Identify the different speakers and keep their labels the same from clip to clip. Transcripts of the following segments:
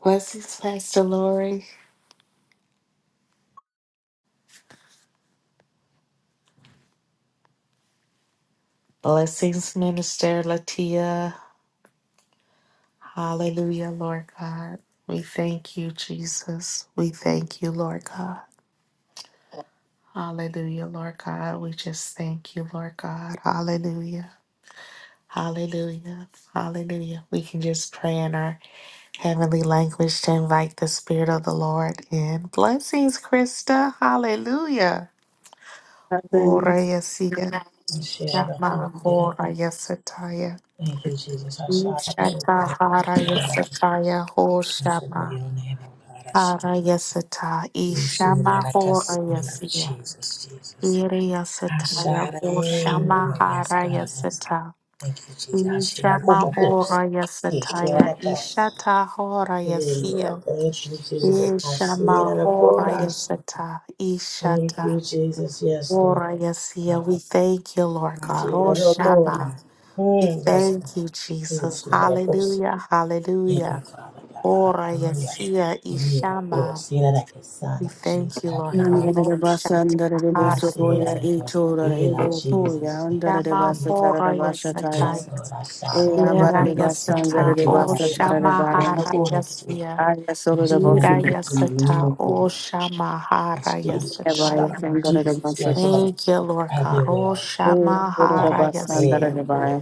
Speaker 1: Blessings, Pastor Lori. Blessings, Minister Latia. Hallelujah, Lord God. We thank you, Jesus. We thank you, Lord God. Hallelujah, Lord God. We just thank you, Lord God. Hallelujah. Hallelujah. Hallelujah. We can just pray in our heavenly language to invite the Spirit of the Lord in. Blessings, Krista. Hallelujah. Ora yasiya.
Speaker 2: Thank
Speaker 1: Shama, ora yasataya.
Speaker 2: you, Jesus. I shout at you.
Speaker 1: Ishata hara yasata yaho
Speaker 2: Blessed be
Speaker 1: shama
Speaker 2: your name, O God. I shout
Speaker 1: hara
Speaker 2: at
Speaker 1: yasata
Speaker 2: you. Sooner
Speaker 1: ishama
Speaker 2: like a
Speaker 1: hora
Speaker 2: sinner.
Speaker 1: yasia
Speaker 2: Jesus, Jesus.
Speaker 1: iri
Speaker 2: I
Speaker 1: yasata
Speaker 2: shout it.
Speaker 1: yaho
Speaker 2: you.
Speaker 1: shama
Speaker 2: Yes,
Speaker 1: hara
Speaker 2: God. Yes, God.
Speaker 1: yasata
Speaker 2: Thank you, Jesus. I shout at
Speaker 1: ishama
Speaker 2: you.
Speaker 1: ora
Speaker 2: Yes,
Speaker 1: yasata
Speaker 2: shout at us.
Speaker 1: ishata hora
Speaker 2: Hey,
Speaker 1: yasia
Speaker 2: Lord. Thank you, Jesus. I shout it
Speaker 1: ishama
Speaker 2: you.
Speaker 1: hora
Speaker 2: I shout.
Speaker 1: yasata
Speaker 2: Thank you,
Speaker 1: ishata
Speaker 2: Jesus. Yes, Lord.
Speaker 1: hora
Speaker 2: I
Speaker 1: yasia we thank you Lord
Speaker 2: shout at
Speaker 1: God oh shama
Speaker 2: you.
Speaker 1: we
Speaker 2: Hmm, Yes,
Speaker 1: thank you Jesus
Speaker 2: God.
Speaker 1: hallelujah
Speaker 2: Thank you,
Speaker 1: hallelujah
Speaker 2: Father God.
Speaker 1: Ora
Speaker 2: Hallelujah.
Speaker 1: Yasia
Speaker 2: Yeah, for
Speaker 1: Ishama.
Speaker 2: see that I can sign
Speaker 1: We
Speaker 2: of Jesus.
Speaker 1: thank you,
Speaker 2: Have
Speaker 1: Lord
Speaker 2: your
Speaker 1: God.
Speaker 2: way.
Speaker 3: Nandere de
Speaker 1: Oh
Speaker 3: basa andere de
Speaker 2: I
Speaker 3: boso
Speaker 1: Shatahara
Speaker 2: see that
Speaker 3: goya
Speaker 2: I
Speaker 3: e
Speaker 2: can
Speaker 3: tora e
Speaker 2: feel of
Speaker 3: voya
Speaker 2: Jesus. Jesus.
Speaker 3: andere de
Speaker 1: Shama
Speaker 3: basa tara
Speaker 2: Jesus.
Speaker 3: de
Speaker 1: Hora
Speaker 3: basa taya
Speaker 1: Yasataya.
Speaker 2: Yes, Lord, I saw
Speaker 3: e
Speaker 2: that. Mm,
Speaker 3: abara de
Speaker 1: Yera
Speaker 2: yes,
Speaker 3: basa
Speaker 2: God.
Speaker 3: andere
Speaker 1: Yasata
Speaker 2: Thank
Speaker 3: de
Speaker 2: you,
Speaker 1: O
Speaker 3: basa
Speaker 2: Father
Speaker 3: tara
Speaker 2: God. I
Speaker 3: de
Speaker 2: see it
Speaker 3: baya
Speaker 2: in the
Speaker 1: Shamahara
Speaker 2: corner of the door.
Speaker 1: Yasia.
Speaker 3: aya
Speaker 2: I
Speaker 3: solo de
Speaker 2: see that
Speaker 3: boso
Speaker 2: I
Speaker 1: Yira
Speaker 2: can see it in the
Speaker 1: Yasata O
Speaker 2: corner. I
Speaker 1: Shamahara
Speaker 2: see it.
Speaker 3: e baya
Speaker 2: Shot. of
Speaker 1: Yasataya.
Speaker 3: andere de
Speaker 2: Jesus.
Speaker 3: basa
Speaker 2: Yes,
Speaker 3: tara
Speaker 2: Lord.
Speaker 1: Thank you, Lord
Speaker 2: Have
Speaker 1: God.
Speaker 2: your way,
Speaker 1: Oh
Speaker 2: Lord.
Speaker 3: e andere de
Speaker 1: Shamahara
Speaker 2: Shot.
Speaker 3: basa
Speaker 2: Hey,
Speaker 3: andere
Speaker 1: Yasia.
Speaker 3: de baya
Speaker 2: Lord.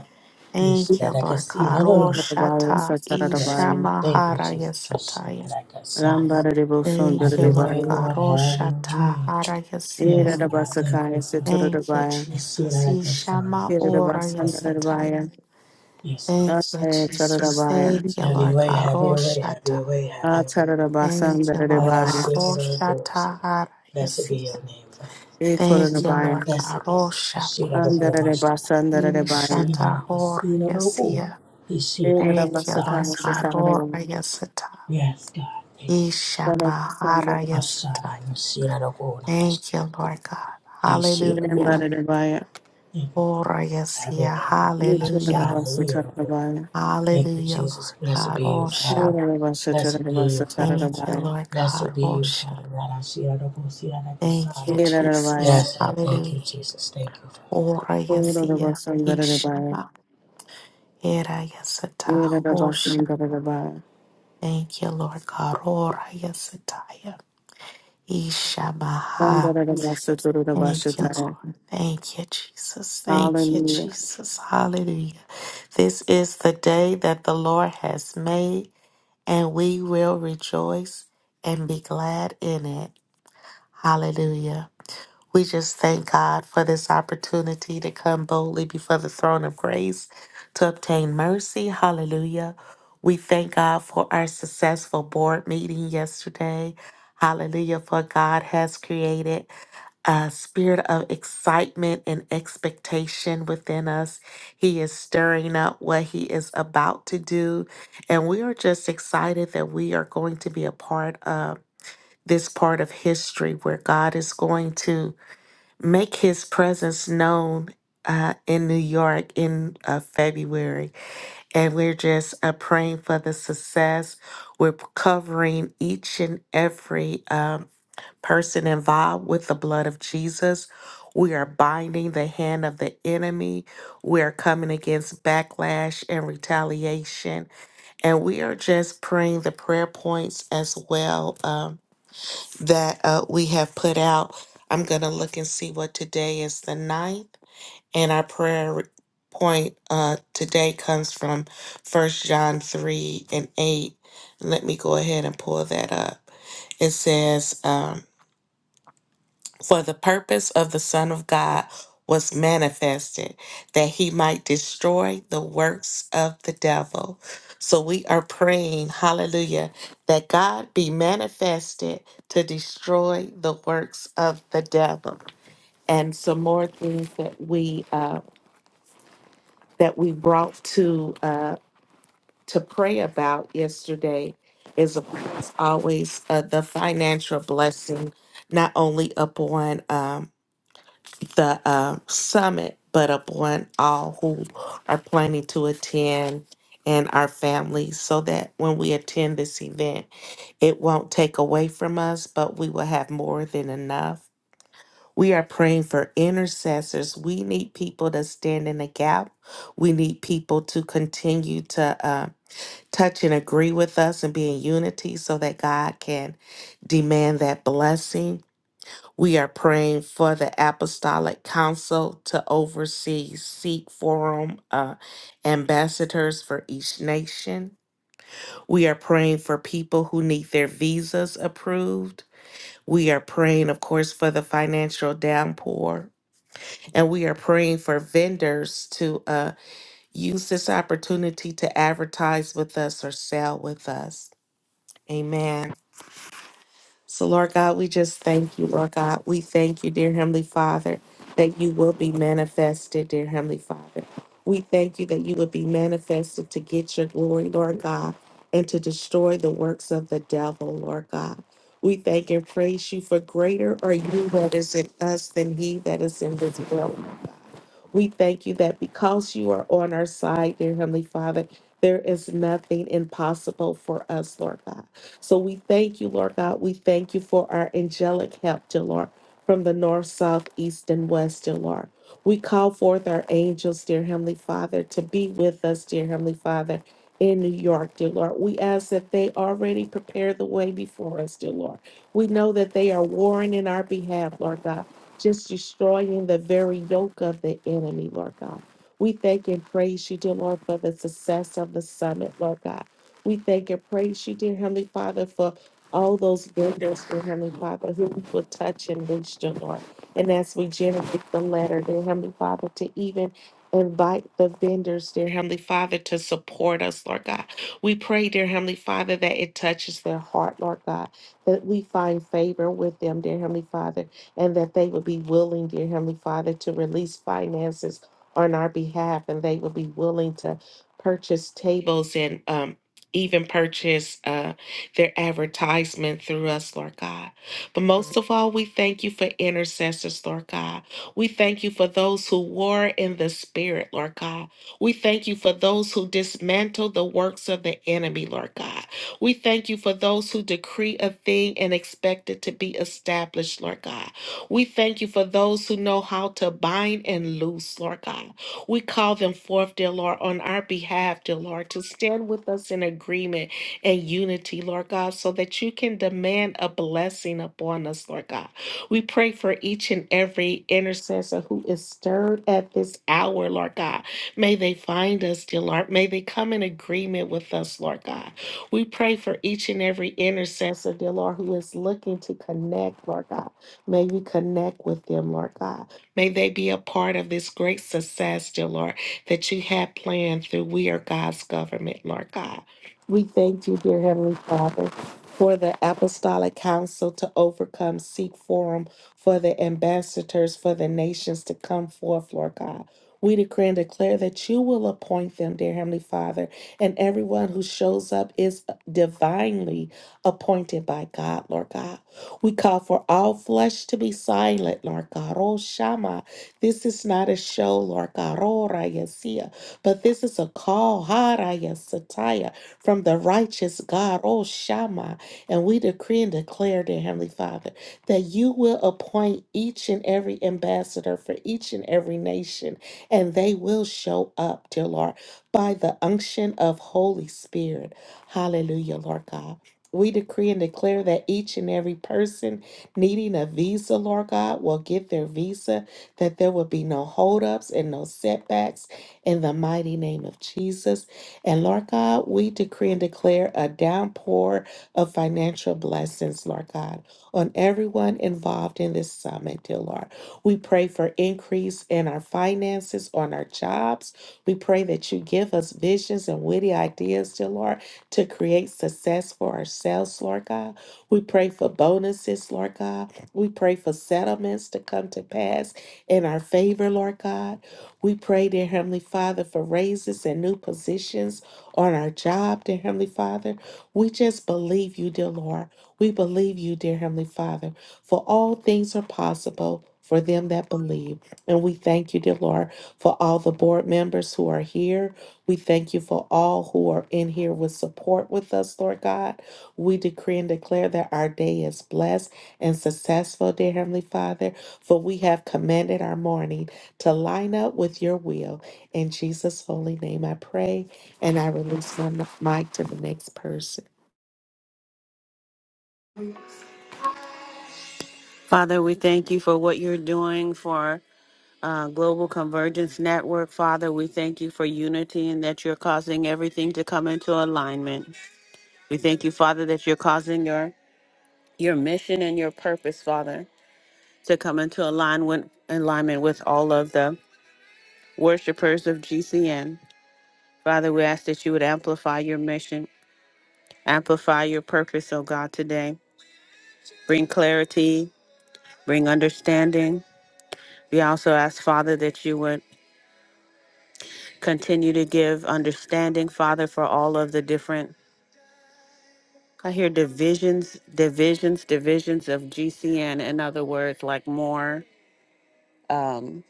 Speaker 2: You see
Speaker 1: Thank
Speaker 2: that
Speaker 1: you,
Speaker 2: I can
Speaker 1: Lord
Speaker 2: see.
Speaker 1: God.
Speaker 2: No, no, no,
Speaker 3: e
Speaker 1: Oh
Speaker 2: no.
Speaker 3: de baya
Speaker 1: Shata
Speaker 3: sa tara de
Speaker 2: Yes, God.
Speaker 3: baya
Speaker 2: Thank you,
Speaker 1: Ishamahara
Speaker 2: Jesus. I see that
Speaker 1: Yasataya.
Speaker 2: I can sign.
Speaker 3: rambara de boso andere
Speaker 1: Thank
Speaker 2: Have
Speaker 1: you,
Speaker 3: de
Speaker 2: your
Speaker 1: Lord
Speaker 2: way,
Speaker 3: baya
Speaker 1: God.
Speaker 2: Lord,
Speaker 1: Oh
Speaker 2: have your way.
Speaker 1: Shatahara
Speaker 3: e
Speaker 1: Yasia.
Speaker 2: Yes,
Speaker 3: de
Speaker 2: God,
Speaker 3: basa
Speaker 2: thank you,
Speaker 3: kaya se
Speaker 2: Father.
Speaker 3: tora de
Speaker 1: Thank you,
Speaker 3: baya
Speaker 2: I see it
Speaker 1: Jesus.
Speaker 2: like a son,
Speaker 1: Ishama
Speaker 2: I
Speaker 3: e de
Speaker 2: Jesus.
Speaker 1: ora
Speaker 3: basa
Speaker 2: Thank
Speaker 3: andere de
Speaker 2: you, Jesus.
Speaker 3: baya
Speaker 1: yasataya.
Speaker 2: Yes, Lord.
Speaker 1: Thank you,
Speaker 3: aya tara de
Speaker 1: Jesus.
Speaker 3: baya
Speaker 1: Thank you,
Speaker 2: Have your
Speaker 1: Lord
Speaker 2: way,
Speaker 1: God.
Speaker 2: have your way, have
Speaker 1: Roshata.
Speaker 2: your way, have your
Speaker 1: Thank you,
Speaker 2: way.
Speaker 1: Lord
Speaker 2: I
Speaker 3: Atarabasandararebaya.
Speaker 1: God.
Speaker 2: sing it, oh God. sing
Speaker 1: Roshata
Speaker 2: it.
Speaker 1: hara
Speaker 2: Blessed be
Speaker 1: yasiya.
Speaker 2: your name, Father.
Speaker 1: Thank you,
Speaker 3: Ekorabaya.
Speaker 1: Lord God.
Speaker 2: Blessed be. you. I see
Speaker 1: Roshama.
Speaker 2: it, oh God, master. I see
Speaker 3: Andararebasandarabaya.
Speaker 2: it
Speaker 1: Ishata
Speaker 2: like a
Speaker 1: ora
Speaker 2: son, oh God.
Speaker 1: yasiya.
Speaker 2: He see it like a
Speaker 1: Thank you,
Speaker 2: son,
Speaker 1: Lord
Speaker 2: I Jesus.
Speaker 1: God. Ora
Speaker 3: Erabasakanisesarabaya.
Speaker 1: yasata.
Speaker 2: Yes, God, thank you, Jesus.
Speaker 1: Ishama hara
Speaker 2: I
Speaker 3: Barabasandarabaya.
Speaker 2: see it,
Speaker 1: yasataya.
Speaker 2: I see it, oh God, I see
Speaker 1: Thank you, Lord God.
Speaker 2: He see it, oh God.
Speaker 1: Hallelujah.
Speaker 3: Rembarabaya.
Speaker 2: Thank you, Father.
Speaker 1: Ora
Speaker 2: Have your
Speaker 1: yasiya.
Speaker 2: way, Lord. I
Speaker 1: Hallelujah.
Speaker 2: shout hallelujah, Lord.
Speaker 3: Muturabasutarabaya.
Speaker 2: Thank you,
Speaker 1: Hallelujah,
Speaker 2: Jesus.
Speaker 1: Lord
Speaker 2: Blessed
Speaker 1: God.
Speaker 2: be you,
Speaker 1: Oh,
Speaker 2: Father.
Speaker 1: Shabbat.
Speaker 2: Blessed be you, Father
Speaker 1: Thank
Speaker 2: God.
Speaker 1: you,
Speaker 3: Urabasutarabasutarabaya.
Speaker 1: Lord God.
Speaker 2: Blessed be
Speaker 1: Oh,
Speaker 2: you, Father
Speaker 1: Shabbat.
Speaker 2: God. I see that, I don't see that, I can see
Speaker 1: Thank you,
Speaker 2: that.
Speaker 3: Erabaya.
Speaker 1: Jesus.
Speaker 2: Yes, Lord. Thank you,
Speaker 1: Hallelujah.
Speaker 2: Jesus. Thank you, Father.
Speaker 1: Oh, Rayasia.
Speaker 3: Urabasandarabaya.
Speaker 1: Ishama. Era Yasata. Oh, Shabbat.
Speaker 3: Erabasandarabaya.
Speaker 1: Thank you, Lord God. Oh, Rayasataya. Ishamaha. Thank you, Lord.
Speaker 3: Sandarabasutarabasutara.
Speaker 1: Thank you, Jesus. Thank you,
Speaker 3: Hallelujah.
Speaker 1: Jesus. Hallelujah. This is the day that the Lord has made, and we will rejoice and be glad in it. Hallelujah. We just thank God for this opportunity to come boldly before the throne of grace to obtain mercy. Hallelujah. We thank God for our successful board meeting yesterday. Hallelujah. For God has created a spirit of excitement and expectation within us. He is stirring up what He is about to do. And we are just excited that we are going to be a part of this part of history where God is going to make his presence known uh, in New York in uh, February. And we're just uh, praying for the success. We're covering each and every um, person involved with the blood of Jesus. We are binding the hand of the enemy. We are coming against backlash and retaliation. And we are just praying the prayer points as well. um, that uh, we have put out. I'm going to look and see what today is the ninth. And our prayer point uh, today comes from First John 3 and 8. Let me go ahead and pull that up. It says, um, for the purpose of the Son of God was manifested, that he might destroy the works of the devil. So we are praying, hallelujah, that God be manifested to destroy the works of the devil. And some more things that we uh, that we brought to uh, to pray about yesterday is of course always uh, the financial blessing, not only upon um, the uh, summit, but upon all who are planning to attend and our families, so that when we attend this event, it won't take away from us, but we will have more than enough. We are praying for intercessors. We need people to stand in the gap. We need people to continue to uh, touch and agree with us and be in unity so that God can demand that blessing. We are praying for the Apostolic Council to oversee Sikh Forum uh, ambassadors for each nation. We are praying for people who need their visas approved. We are praying, of course, for the financial downpour. And we are praying for vendors to uh, use this opportunity to advertise with us or sell with us. Amen. So, Lord God, we just thank you, Lord God. We thank you, dear Heavenly Father, that you will be manifested, dear Heavenly Father. We thank you that you will be manifested to get your glory, Lord God, and to destroy the works of the devil, Lord God. We thank and praise you for greater are you that is in us than he that is in this world, Lord God. We thank you that because you are on our side, dear Heavenly Father, there is nothing impossible for us, Lord God. So we thank you, Lord God. We thank you for our angelic help, dear Lord, from the north, south, east, and west, dear Lord. We call forth our angels, dear Heavenly Father, to be with us, dear Heavenly Father, in New York, dear Lord. We ask that they already prepare the way before us, dear Lord. We know that they are warring in our behalf, Lord God, just destroying the very yoke of the enemy, Lord God. We thank and praise you, dear Lord, for the success of the summit, Lord God. We thank and praise you, dear Heavenly Father, for all those windows, dear Heavenly Father, who we will touch and reach, dear Lord. And as we generate the letter, dear Heavenly Father, to even invite the vendors, dear Heavenly Father, to support us, Lord God. We pray, dear Heavenly Father, that it touches their heart, Lord God, that we find favor with them, dear Heavenly Father, and that they would be willing, dear Heavenly Father, to release finances on our behalf, and they would be willing to purchase tables and um, even purchase uh, their advertisement through us, Lord God. But most of all, we thank you for intercessors, Lord God. We thank you for those who war in the spirit, Lord God. We thank you for those who dismantle the works of the enemy, Lord God. We thank you for those who decree a thing and expect it to be established, Lord God. We thank you for those who know how to bind and loose, Lord God. We call them forth, dear Lord, on our behalf, dear Lord, to stand with us in agreement and unity, Lord God, so that you can demand a blessing upon us, Lord God. We pray for each and every intercessor who is stirred at this hour, Lord God. May they find us, dear Lord. May they come in agreement with us, Lord God. We pray for each and every intercessor, dear Lord, who is looking to connect, Lord God. May we connect with them, Lord God. May they be a part of this great success, dear Lord, that you have planned through We Are God's Government, Lord God. We thank you, dear Heavenly Father, for the Apostolic Council to overcome, seek forum for the ambassadors for the nations to come forth, Lord God. We decree and declare that you will appoint them, dear Heavenly Father, and everyone who shows up is divinely appointed by God, Lord God. We call for all flesh to be silent, Lord God. Oh, Shama, this is not a show, Lord God. Oh, Rayasia, but this is a call, Haraya Sataya, from the righteous God, oh, Shama. And we decree and declare, dear Heavenly Father, that you will appoint each and every ambassador for each and every nation, and they will show up, dear Lord, by the unction of Holy Spirit. Hallelujah, Lord God. We decree and declare that each and every person needing a visa, Lord God, will get their visa, that there will be no holdups and no setbacks in the mighty name of Jesus. And Lord God, we decree and declare a downpour of financial blessings, Lord God, on everyone involved in this summit, dear Lord. We pray for increase in our finances, on our jobs. We pray that you give us visions and witty ideas, dear Lord to create success for ourselves, Lord God. We pray for bonuses, Lord God. We pray for settlements to come to pass in our favor, Lord God. We pray, dear Heavenly Father, for raises and new positions on our job, dear Heavenly Father. We just believe you, dear Lord. We believe you, dear Heavenly Father, for all things are possible for them that believe. And we thank you, dear Lord, for all the board members who are here. We thank you for all who are in here with support with us, Lord God. We decree and declare that our day is blessed and successful, dear Heavenly Father, for we have commanded our morning to line up with your will. In Jesus' holy name, I pray, and I release my mic to the next person.
Speaker 3: Father, we thank you for what you're doing for. uh, Global Convergence Network. Father, we thank you for unity and that you're causing everything to come into alignment. We thank you, Father, that you're causing your your mission and your purpose, Father, to come into alignment alignment with all of the worshipers of GCN. Father, we ask that you would amplify your mission, amplify your purpose, oh God, today. Bring clarity, bring understanding. We also ask, Father, that you would continue to give understanding, Father, for all of the different I hear divisions, divisions, divisions of GCN. In other words, like more um,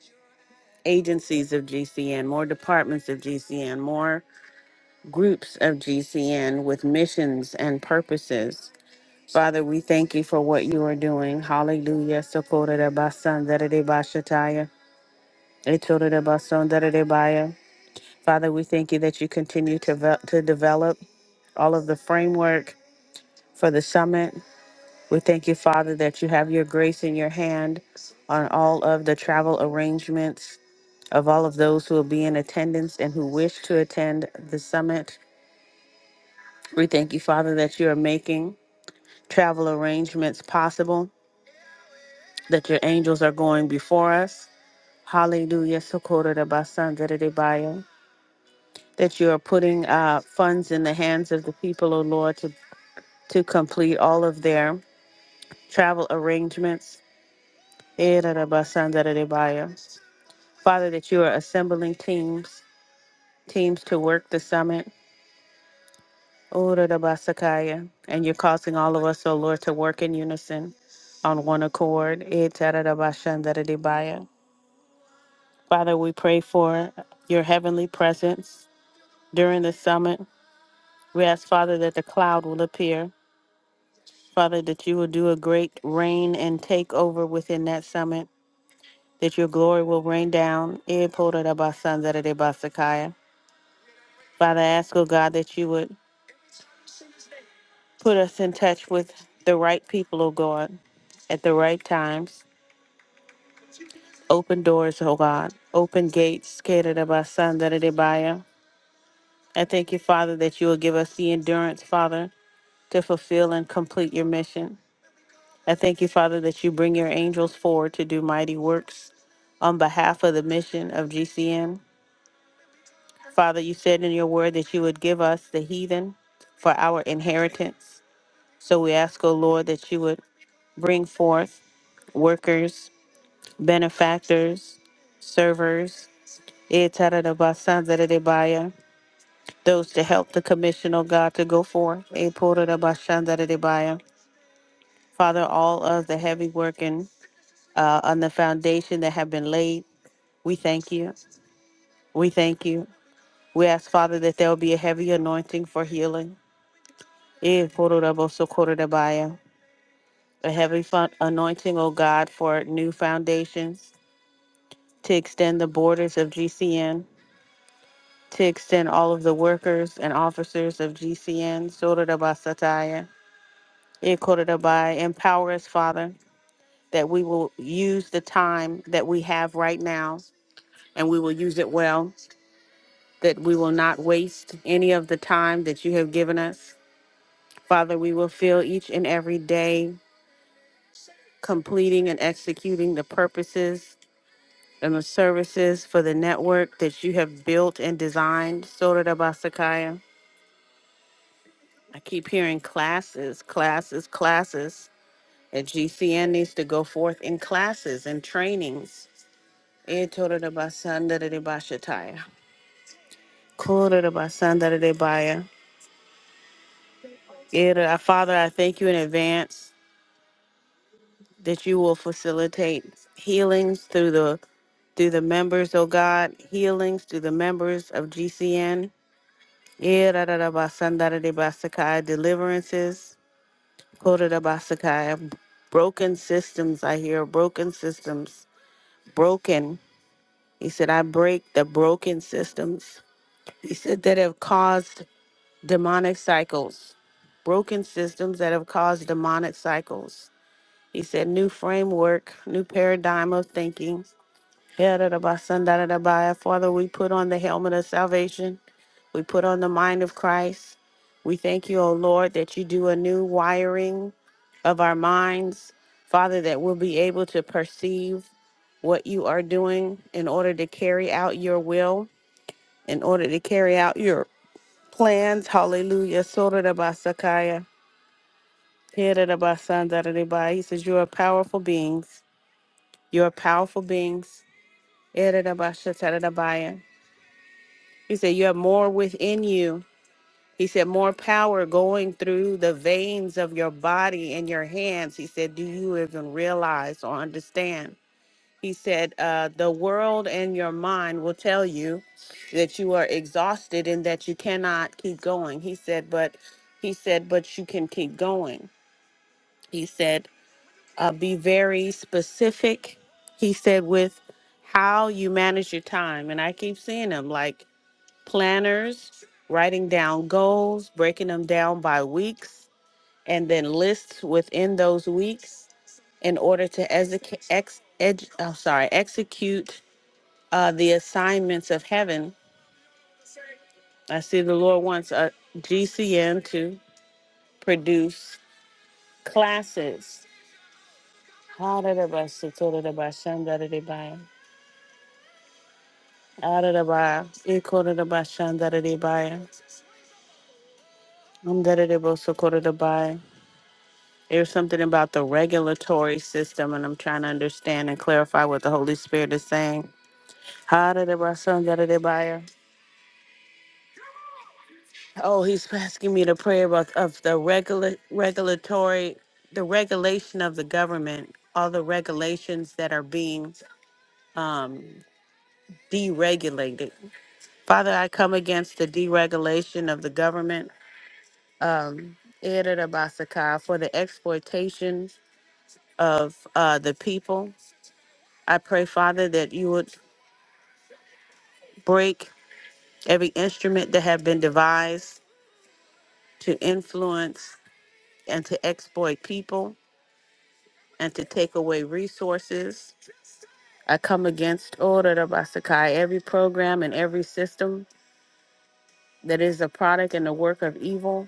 Speaker 3: agencies of GCN, more departments of GCN, more groups of GCN with missions and purposes. Father, we thank you for what you are doing. Hallelujah. Sokorodabasandadadebashataya, Etorodabasondadadebaya. Father, we thank you that you continue to, ve- to develop all of the framework for the summit We thank you, Father, that you have your grace in your hand on all of the travel arrangements of all of those who will be in attendance and who wish to attend the summit. We thank you, Father, that you are making travel arrangements possible, that your angels are going before us. Hallelujah. Socorro da Basanda de de Bayo. That you are putting uh, funds in the hands of the people, O Lord, to, to complete all of their travel arrangements. Era da Basanda de Bayo. Father, that you are assembling teams, teams to work the summit, Ora da basakaya. and you're causing all of us, O Lord, to work in unison on one accord. Etara da bashandara di baya. Father, we pray for your heavenly presence during the summit. We ask, Father, that the cloud will appear. Father, that you will do a great reign and take over within that summit, that your glory will rain down. Epora da basandara di basakaya. Father, I ask, O God, that you would Put us in touch with the right people, O God, at the right times. Open doors, O God. Open gates. Kedadabasandadadibaya. I thank you, Father, that you will give us the endurance, Father, to fulfill and complete your mission. I thank you, Father, that you bring your angels forward to do mighty works on behalf of the mission of GCN. Father, you said in your word that you would give us the heathen for our inheritance. So we ask, O Lord, that you would bring forth workers benefactors, servers, Etarabashandaradebaya, those to help the commission, of God, to go forth. Eporabashandaradebaya. Father, all of the heavy working uh, on the foundation that have been laid, we thank you. We thank you. We ask, Father, that there will be a heavy anointing for healing. Eporabosokorabaya. A heavy fun- anointing, O God, for new foundations to extend the borders of GCN to extend all of the workers and officers of GCN, Sotadaba Sataya, Ikodabai, empower us, Father, that we will use the time that we have right now and we will use it well, that we will not waste any of the time that you have given us. Father, we will feel each and every day completing and executing the purposes and the services for the network that you have built and designed, Sotadaba I keep hearing classes, classes, classes. And GCN needs to go forth in classes and trainings. Eh, toro de basanda de de bashataya. Koro de basanda de de baya. Eh, de- Father, I thank you in advance that you will facilitate healings through the through the members, oh God, healings through the members of GCN. Eh, da- da- da basanda de de basakaya. Deliverances. Koro de basakaya. Broken systems, I hear, broken systems broken. He said, I break the broken systems. He said, that have caused demonic cycles, broken systems that have caused demonic cycles. He said, new framework, new paradigm of thinking Yadadabasandarabaya. Father, we put on the helmet of salvation. We put on the mind of Christ. We thank you, O Lord, that you do a new wiring of our minds. Father, that we'll be able to perceive what you are doing in order to carry out your will, in order to carry out your plans. Hallelujah. Sotarabasakaya. Yadadabasandarabaya. He says, You are powerful beings. You are powerful beings. Yadadabashatarabaya. He said, You have more within you. He said, More power going through the veins of your body and your hands. He said, Do you even realize or understand? He said, uh, The world and your mind will tell you that you are exhausted and that you cannot keep going. He said, But he said, But you can keep going. He said, uh, Be very specific. He said, With how you manage your time. And I keep seeing him like, planners, writing down goals, breaking them down by weeks, and then lists within those weeks in order to exec- ex- ed- oh, sorry, execute uh, the assignments of heaven. I see the Lord wants a GCM to produce classes. Ha-da-da-ba-sa-to-da-da-ba-shan-da-da-da-ba-ya. da da ba ah da da ba e ko da da ba shan da da da ba um da da da bo so ko da da ba There's something about the regulatory system, and I'm trying to understand and clarify what the Holy Spirit is saying. How did it, my son, got it, buyer? Oh, he's asking me to pray about of the regula- regulatory, the regulation of the government, all the regulations that are being um, deregulated. Father, I come against the deregulation of the government. Um, Irarabasaka, for the exploitation of uh, the people. I pray, Father, that you would break every instrument that have been devised to influence and to exploit people and to take away resources. I come against order of Basakai, every program and every system that is a product and the work of evil.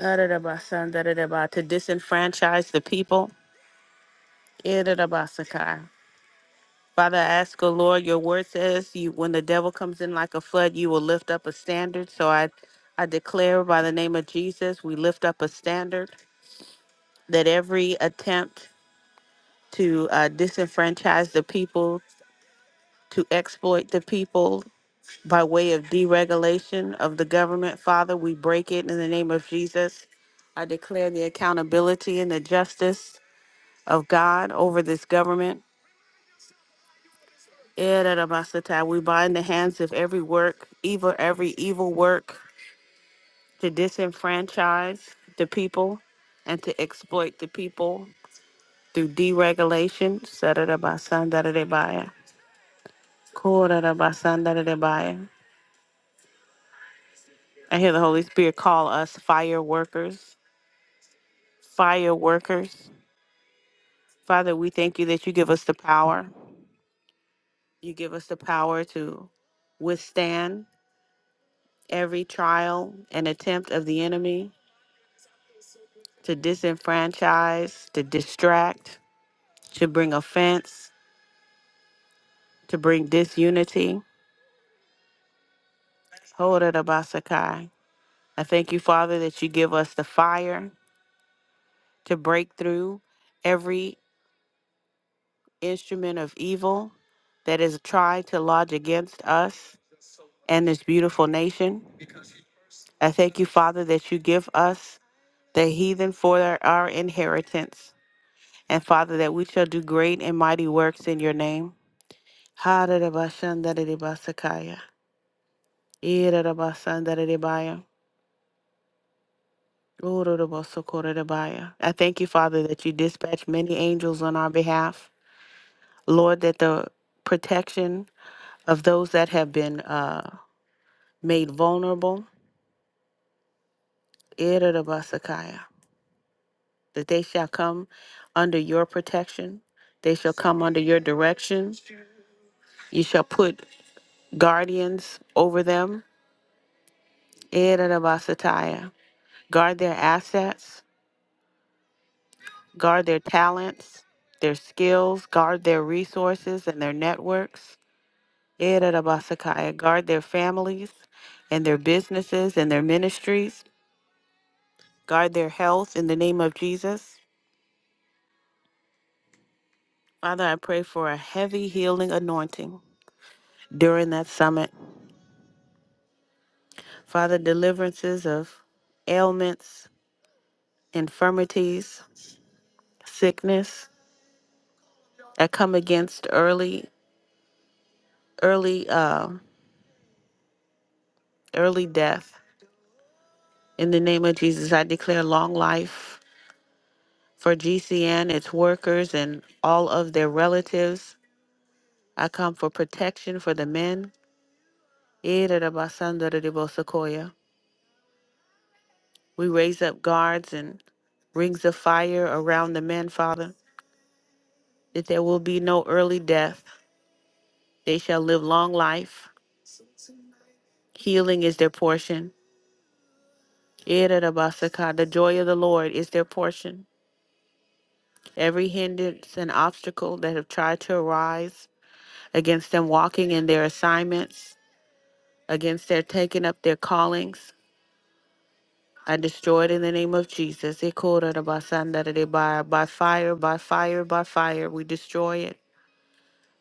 Speaker 3: Ararabasa, dararaba, To disenfranchise the people. Irarabasakai. Father, I ask, O Lord, your word says you when the devil comes in like a flood, you will lift up a standard. So I I declare by the name of Jesus, we lift up a standard that every attempt to uh, disenfranchise the people, to exploit the people by way of deregulation of the government, Father, we break it in the name of Jesus. I declare the accountability and the justice of God over this government. Ererabasata, We bind the hands of every work, evil, every evil work to disenfranchise the people and to exploit the people through deregulation. Sarada Korarabasandarabai. I hear the Holy Spirit call us fire workers. Fire workers. Father, we thank you that you give us the power. You give us the power to withstand every trial and attempt of the enemy, to disenfranchise, to distract, to bring offense, to bring disunity. Korarabasakai. I thank you, Father, that you give us the fire to break through every instrument of evil that is tried to lodge against us and this beautiful nation. I thank you, Father, that you give us the heathen for our inheritance. And Father, that we shall do great and mighty works in your name. Ha-da-da-ba-shan-da-da-da-ba-sa-ka-ya. Ee-da-da-ba-san-da-da-da-ba-ya. Ooh-da-da-ba-so-ko-da-da-ba-ya. I thank you, Father, that you dispatch many angels on our behalf. Lord, that the protection of those that have been uh, made vulnerable Irarabasakaya, that they shall come under your protection. They shall come under your direction. You shall put guardians over them. Irarabasataya. Guard their assets, guard their talents, their skills, guard their resources and their networks. Irarabasakaya. Guard their families and their businesses and their ministries. Guard their health in the name of Jesus. Father, I pray for a heavy healing anointing during that summit. Father, deliverances of ailments, infirmities, sickness that come against early, early, uh, early death. In the name of Jesus, I declare long life for GCN, its workers, and all of their relatives. I come for protection for the men. We raise up guards and rings of fire around the men, Father, that there will be no early death. They shall live long life Healing is their portion. Irarabasaka, The joy of the Lord is their portion. Every hindrance and obstacle that have tried to arise against them walking in their assignments, against their taking up their callings, I destroy it in the name of Jesus. Ikorarabasandaradebaya, By fire, by fire, by fire, we destroy it.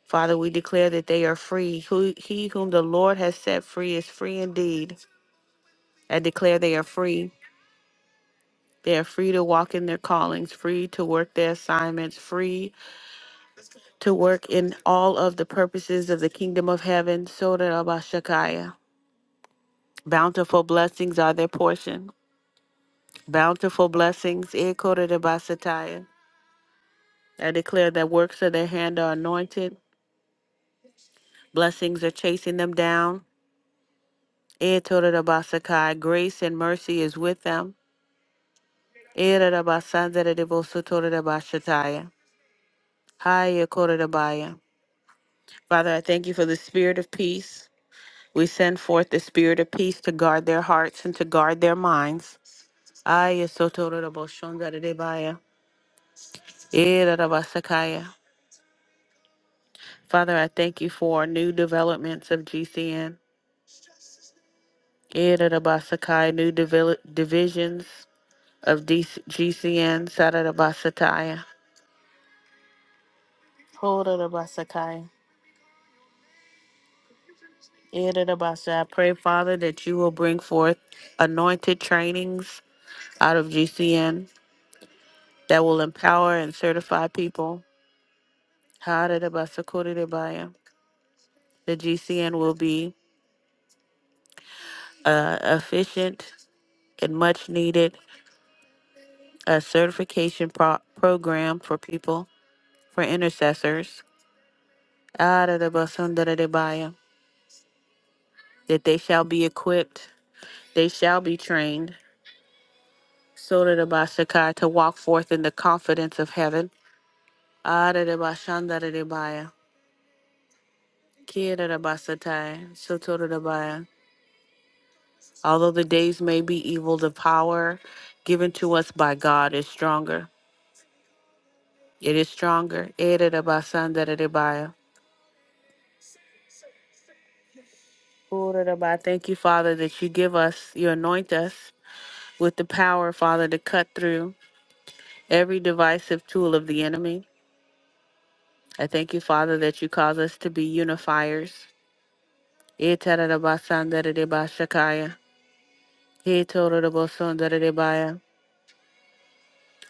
Speaker 3: Father, we declare that they are free. Who- He whom the Lord has set free is free indeed. I declare they are free. They are free to walk in their callings, free to work their assignments, free to work in all of the purposes of the kingdom of heaven. Soda Rabashakaya. Bountiful blessings are their portion. Bountiful blessings. Ekoda Rabasataya. I declare that works of their hand are anointed. Blessings are chasing them down. Etoda Rabasakai. Grace and mercy is with them. Era Rabasandara Devosotoda Rabashataya. Hi, Ekoda Rabaya. Father, I thank you for the spirit of peace. We send forth the spirit of peace to guard their hearts and to guard their minds. Ay, esotorobosondaridebaya, erarabasakaya. Father, I thank you for new developments of GCN, erarabasakai, new devel- divisions of D- G C N. sararabasataya, horarabasakaya, erarabasa. I pray, Father, that you will bring forth anointed trainings out of GCN that will empower and certify people How did about Sakura to buy 'em? The GCN will be uh, efficient and much needed a certification pro- program for people, for intercessors. Ah, da da ba sundara de baya, That they shall be equipped, they shall be trained, so da da ba sakai, to walk forth in the confidence of heaven. Ah, da da ba shandara de baya, kia Although the days may be evil, the power given to us by God is stronger. It is stronger. Ererabasandararebaya. Oreraba. Thank you, Father, that you give us, you anoint us with the power, Father, to cut through every divisive tool of the enemy. I thank you, Father, that you cause us to be unifiers. Eterabasandararebashakaya. Etorabasondarerebaya.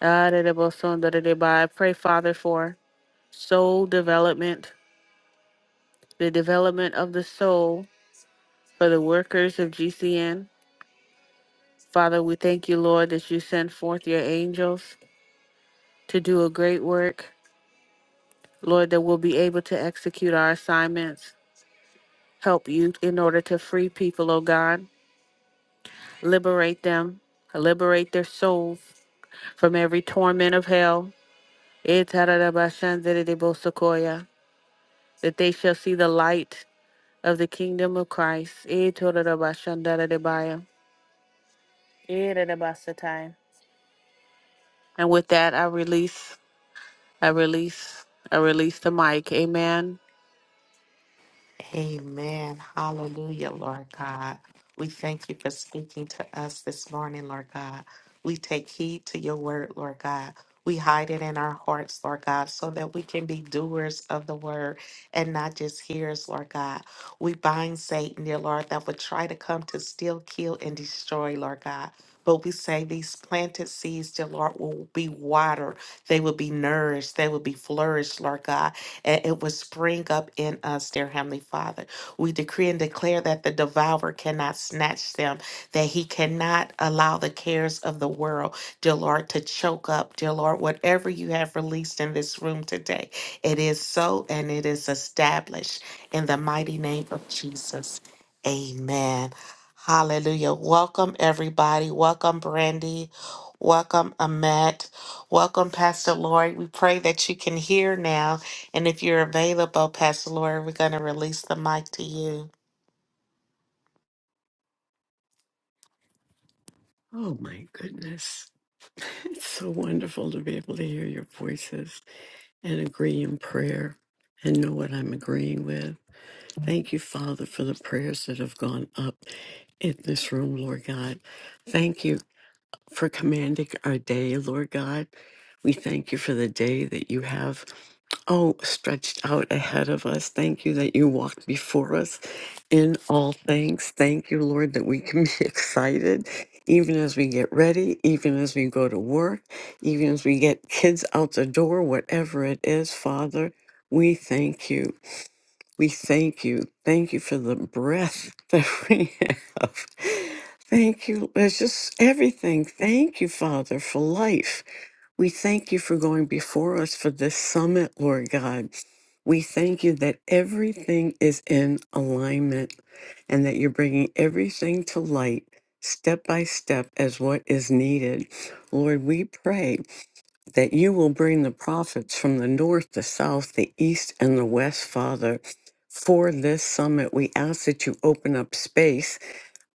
Speaker 3: Arerabasondarerebaya. I pray, Father, for soul development, the development of the soul for the workers of GCN. Father, we thank you, Lord, that you sent forth your angels to do a great work. Lord, that we'll be able to execute our assignments, help you in order to free people, oh God, liberate them, liberate their souls from every torment of hell. Etarabashanderebosokoya, That they shall see the light of the kingdom of Christ. Etorabashandaradebaya, Erabasatai. And with that, I release, I release, I release the mic. Amen.
Speaker 1: Amen. Hallelujah, Lord God. We thank you for speaking to us this morning, Lord God. We take heed to your word, Lord God. We hide it in our hearts, Lord God, so that we can be doers of the word and not just hearers, Lord God. We bind Satan, dear Lord, that would try to come to steal, kill, and destroy, Lord God. But we say these planted seeds, dear Lord, will be watered. They will be nourished. They will be flourished, Lord God and it will spring up in us, dear Heavenly Father. We decree and declare that the devourer cannot snatch them, that he cannot allow the cares of the world, dear Lord, to choke up, dear Lord, whatever you have released in this room today. It is so and it is established in the mighty name of Jesus. Amen. Hallelujah. Welcome, everybody. Welcome, Brandy. Welcome, Amet. Welcome, Pastor Lori. We pray that you can hear now and if you're available, Pastor Lori, we're going to release the mic to you.
Speaker 4: Oh my goodness. It's so wonderful to be able to hear your voices and agree in prayer and know what I'm agreeing with. Thank you, Father, for the prayers that have gone up in this room, Lord God. Thank you for commanding our day, Lord God. We thank you for the day that you have oh, stretched out ahead of us. Thank you that you walked before us in all things. Thank you, Lord, that we can be excited even as we get ready, even as we go to work, even as we get kids out the door, whatever it is, Father. We thank you. We thank you. Thank you for the breath that we have. Thank you. It's just everything. Thank you, Father, for life. We thank you for going before us for this summit, Lord God. We thank you that everything is in alignment and that you're bringing everything to light step by step as what is needed. Lord, we pray that you will bring the prophets from the north, the south, the east, and the west, Father. For this summit, we ask that you open up space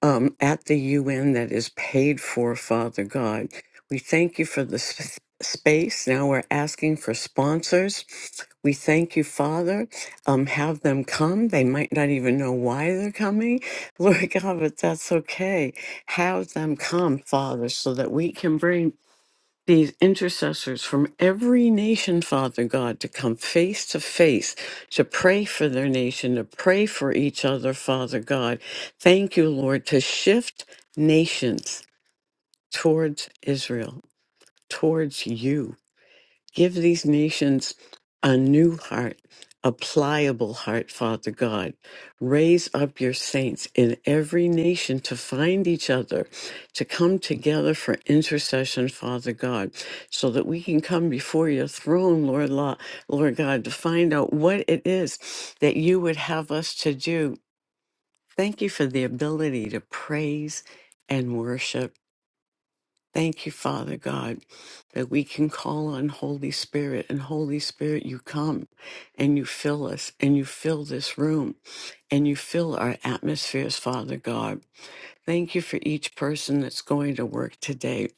Speaker 4: um, at the UN that is paid for, Father God. We thank you for the sp- space. Now we're asking for sponsors. We thank you, Father. Um, have them come. They might not even know why they're coming, Lord God, but that's okay. Have them come, Father, so that we can bring these intercessors from every nation, Father God, to come face to face to pray for their nation, to pray for each other, Father God. Thank you, Lord, to shift nations towards Israel, towards you. Give these nations a new heart, a pliable heart, Father God. Raise up your saints in every nation to find each other, to come together for intercession, Father God, so that we can come before your throne, Lord, Lo- Lord God, to find out what it is that you would have us to do. Thank you for the ability to praise and worship. Thank you, Father God, that we can call on Holy Spirit. And Holy Spirit, you come and you fill us and you fill this room and you fill our atmospheres, Father God. Thank you for each person that's going to work today.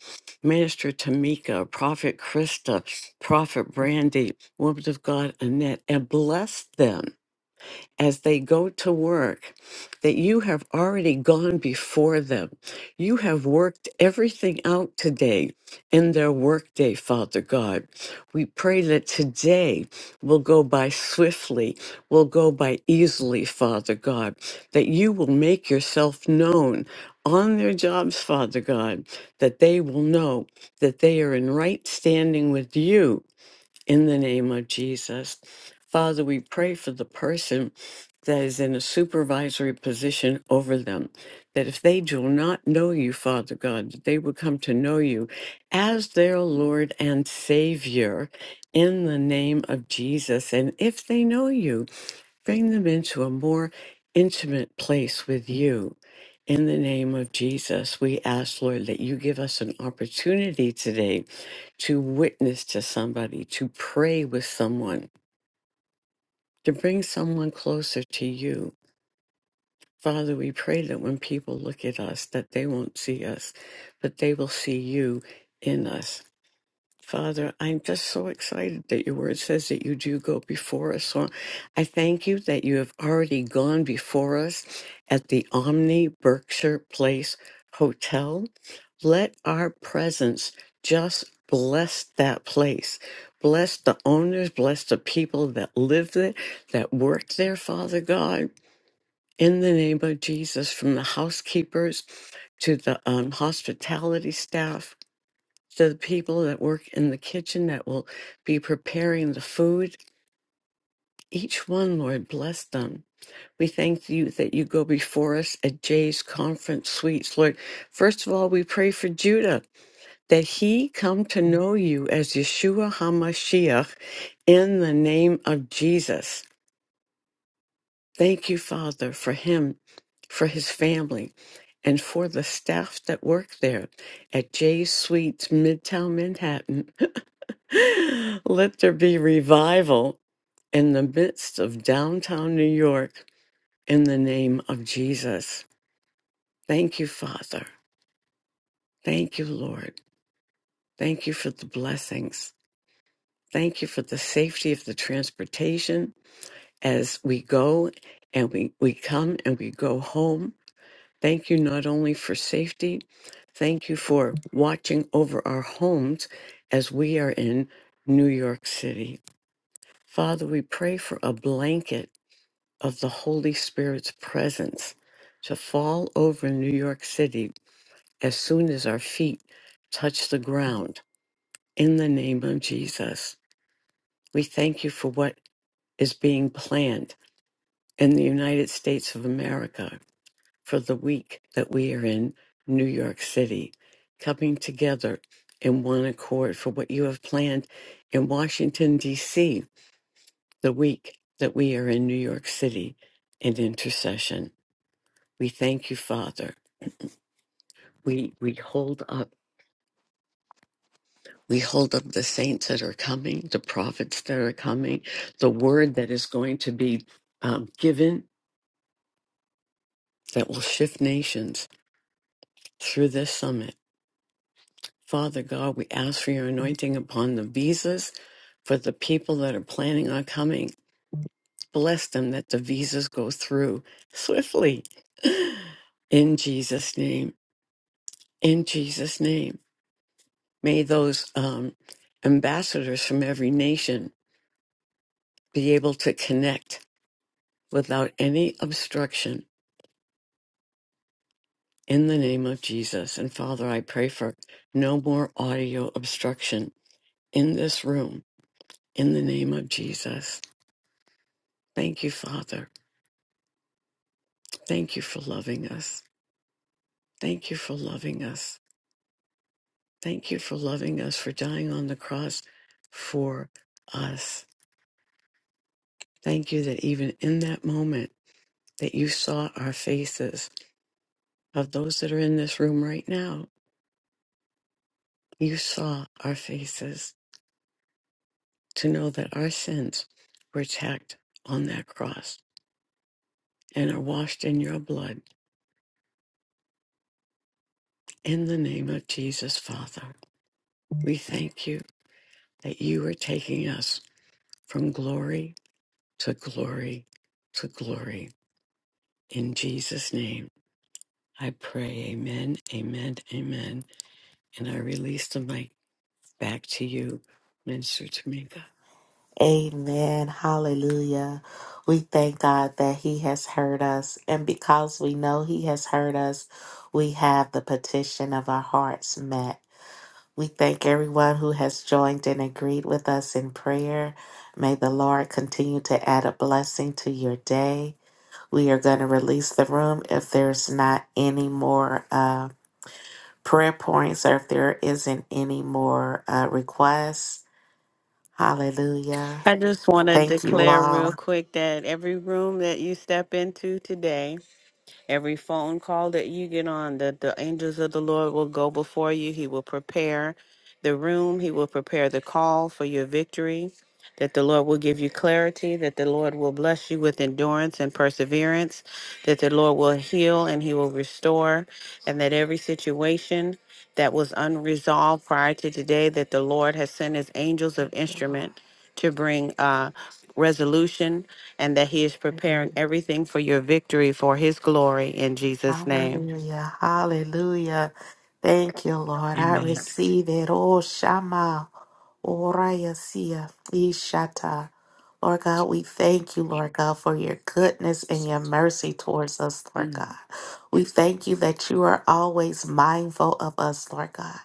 Speaker 4: Minister Tamika, Prophet Krista, Prophet Brandy, Woman of God, Annette, and bless them as they go to work that you have already gone before them. You have worked everything out today in their workday, Father God. We pray that today will go by swiftly, will go by easily, Father God, that you will make yourself known on their jobs, Father God, that they will know that they are in right standing with you in the name of Jesus. Father, we pray for the person that is in a supervisory position over them, that if they do not know you, Father God, that they would come to know you as their Lord and Savior in the name of Jesus. And if they know you, Bring them into a more intimate place with you. In the name of Jesus, we ask, Lord, that you give us an opportunity today to witness to somebody, to pray with someone, to bring someone closer to you. Father, we pray that when people look at us, that they won't see us, but they will see you in us. Father, I'm just so excited that your word says that you do go before us. So I thank you that you have already gone before us at the Omni Berkshire Place Hotel. Let our presence just bless that place. Bless the owners, bless the people that live there, that work there, Father God. In the name of Jesus, from the housekeepers to the um, hospitality staff, to the people that work in the kitchen that will be preparing the food. Each one, Lord, bless them. We thank you that you go before us at Jay's conference suites, Lord. First of all, we pray for Judah that he come to know you as Yeshua HaMashiach in the name of Jesus. Thank you, Father, for him, for his family, and for the staff that work there at Jay's Suites, Midtown Manhattan. Let there be revival in the midst of downtown New York in the name of Jesus. Thank you, Father. Thank you, Lord. Thank you for the blessings. Thank you for the safety of the transportation as we go and we, we come and we go home. Thank you not only for safety, thank you for watching over our homes as we are in New York City. Father, we pray for a blanket of the Holy Spirit's presence to fall over New York City as soon as our feet touch the ground. In the name of Jesus, we thank you for what is being planned in the United States of America for the week that we are in New York City, coming together in one accord for what you have planned in Washington, D.C., the week that we are in New York City in intercession. We thank you, Father. we we hold up we hold up the saints that are coming the prophets that are coming the word that is going to be um, given that will shift nations through this summit father god we ask for your anointing upon the visas for the people that are planning on coming bless them that the visas go through swiftly in jesus name in jesus name may those um, ambassadors from every nation be able to connect without any obstruction in the name of Jesus. And Father, I pray for no more audio obstruction in this room in the name of Jesus. Thank you, Father. Thank you for loving us. Thank you for loving us. Thank you for loving us, for dying on the cross for us. Thank you that even in that moment that you saw our faces of those that are in this room right now, you saw our faces to know that our sins were tacked on that cross and are washed in your blood in the name of Jesus, Father. We thank you that you are taking us from glory to glory to glory. In Jesus' name, I pray, amen, amen, amen. And I release the mic Back to you, Minister Tamika.
Speaker 1: Amen. Hallelujah. We thank God that He has heard us. And because we know He has heard us, we have the petition of our hearts met. We thank everyone who has joined and agreed with us in prayer. May the Lord continue to add a blessing to your day. We are going to release the room if there's not any more. Uh, prayer points or if there isn't any more uh, requests. Hallelujah.
Speaker 3: I just want to
Speaker 1: Thank you
Speaker 3: declare real
Speaker 1: all.
Speaker 3: quick that every room that you step into today, Every phone call that you get on, that the angels of the Lord will go before you. He will prepare the room, He will prepare the call for your victory. That the Lord will give you clarity, that the Lord will bless you with endurance and perseverance, that the Lord will heal and He will restore, and that every situation that was unresolved prior to today, that the Lord has sent His angels of
Speaker 1: Thank
Speaker 3: instrument
Speaker 1: you,
Speaker 3: to bring uh, resolution and that He is
Speaker 1: Lord.
Speaker 3: preparing everything for your victory for His glory in Jesus' name.
Speaker 1: Hallelujah. Hallelujah. Thank you, Lord. I
Speaker 4: Amen.
Speaker 1: receive it. Oh, Shama. Orayasia. Ishata. Lord God, we thank you, Lord God, for your goodness and your mercy towards us, Lord
Speaker 4: Mm.
Speaker 1: God. We thank you that you are always mindful of us, Lord God.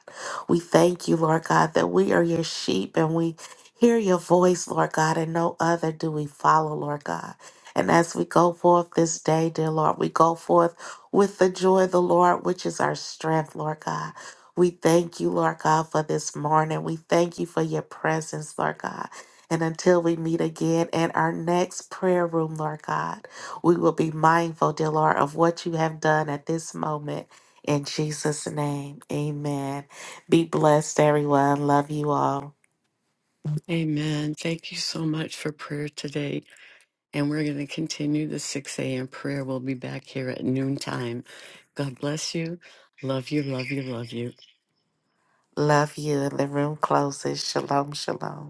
Speaker 1: We thank you, Lord God, that we are your sheep and we hear your voice, Lord God, and no other do we follow, Lord God. And as we go forth this day, dear Lord, we go forth with the joy of the Lord, which is our strength, Lord God. We thank you, Lord God, for this morning. We thank you for your presence, Lord God. And until we meet again in our next prayer room, Lord God, we will be mindful, dear Lord, of what you have done at this moment. In Jesus' name, amen. Be blessed, everyone. Love you all.
Speaker 4: Amen. Thank you so much for prayer today. And we're going to continue the 6 a.m. prayer. We'll be back here at noontime. God bless you. Love you, love you, love you.
Speaker 1: Love you. And the room closes. Shalom, shalom.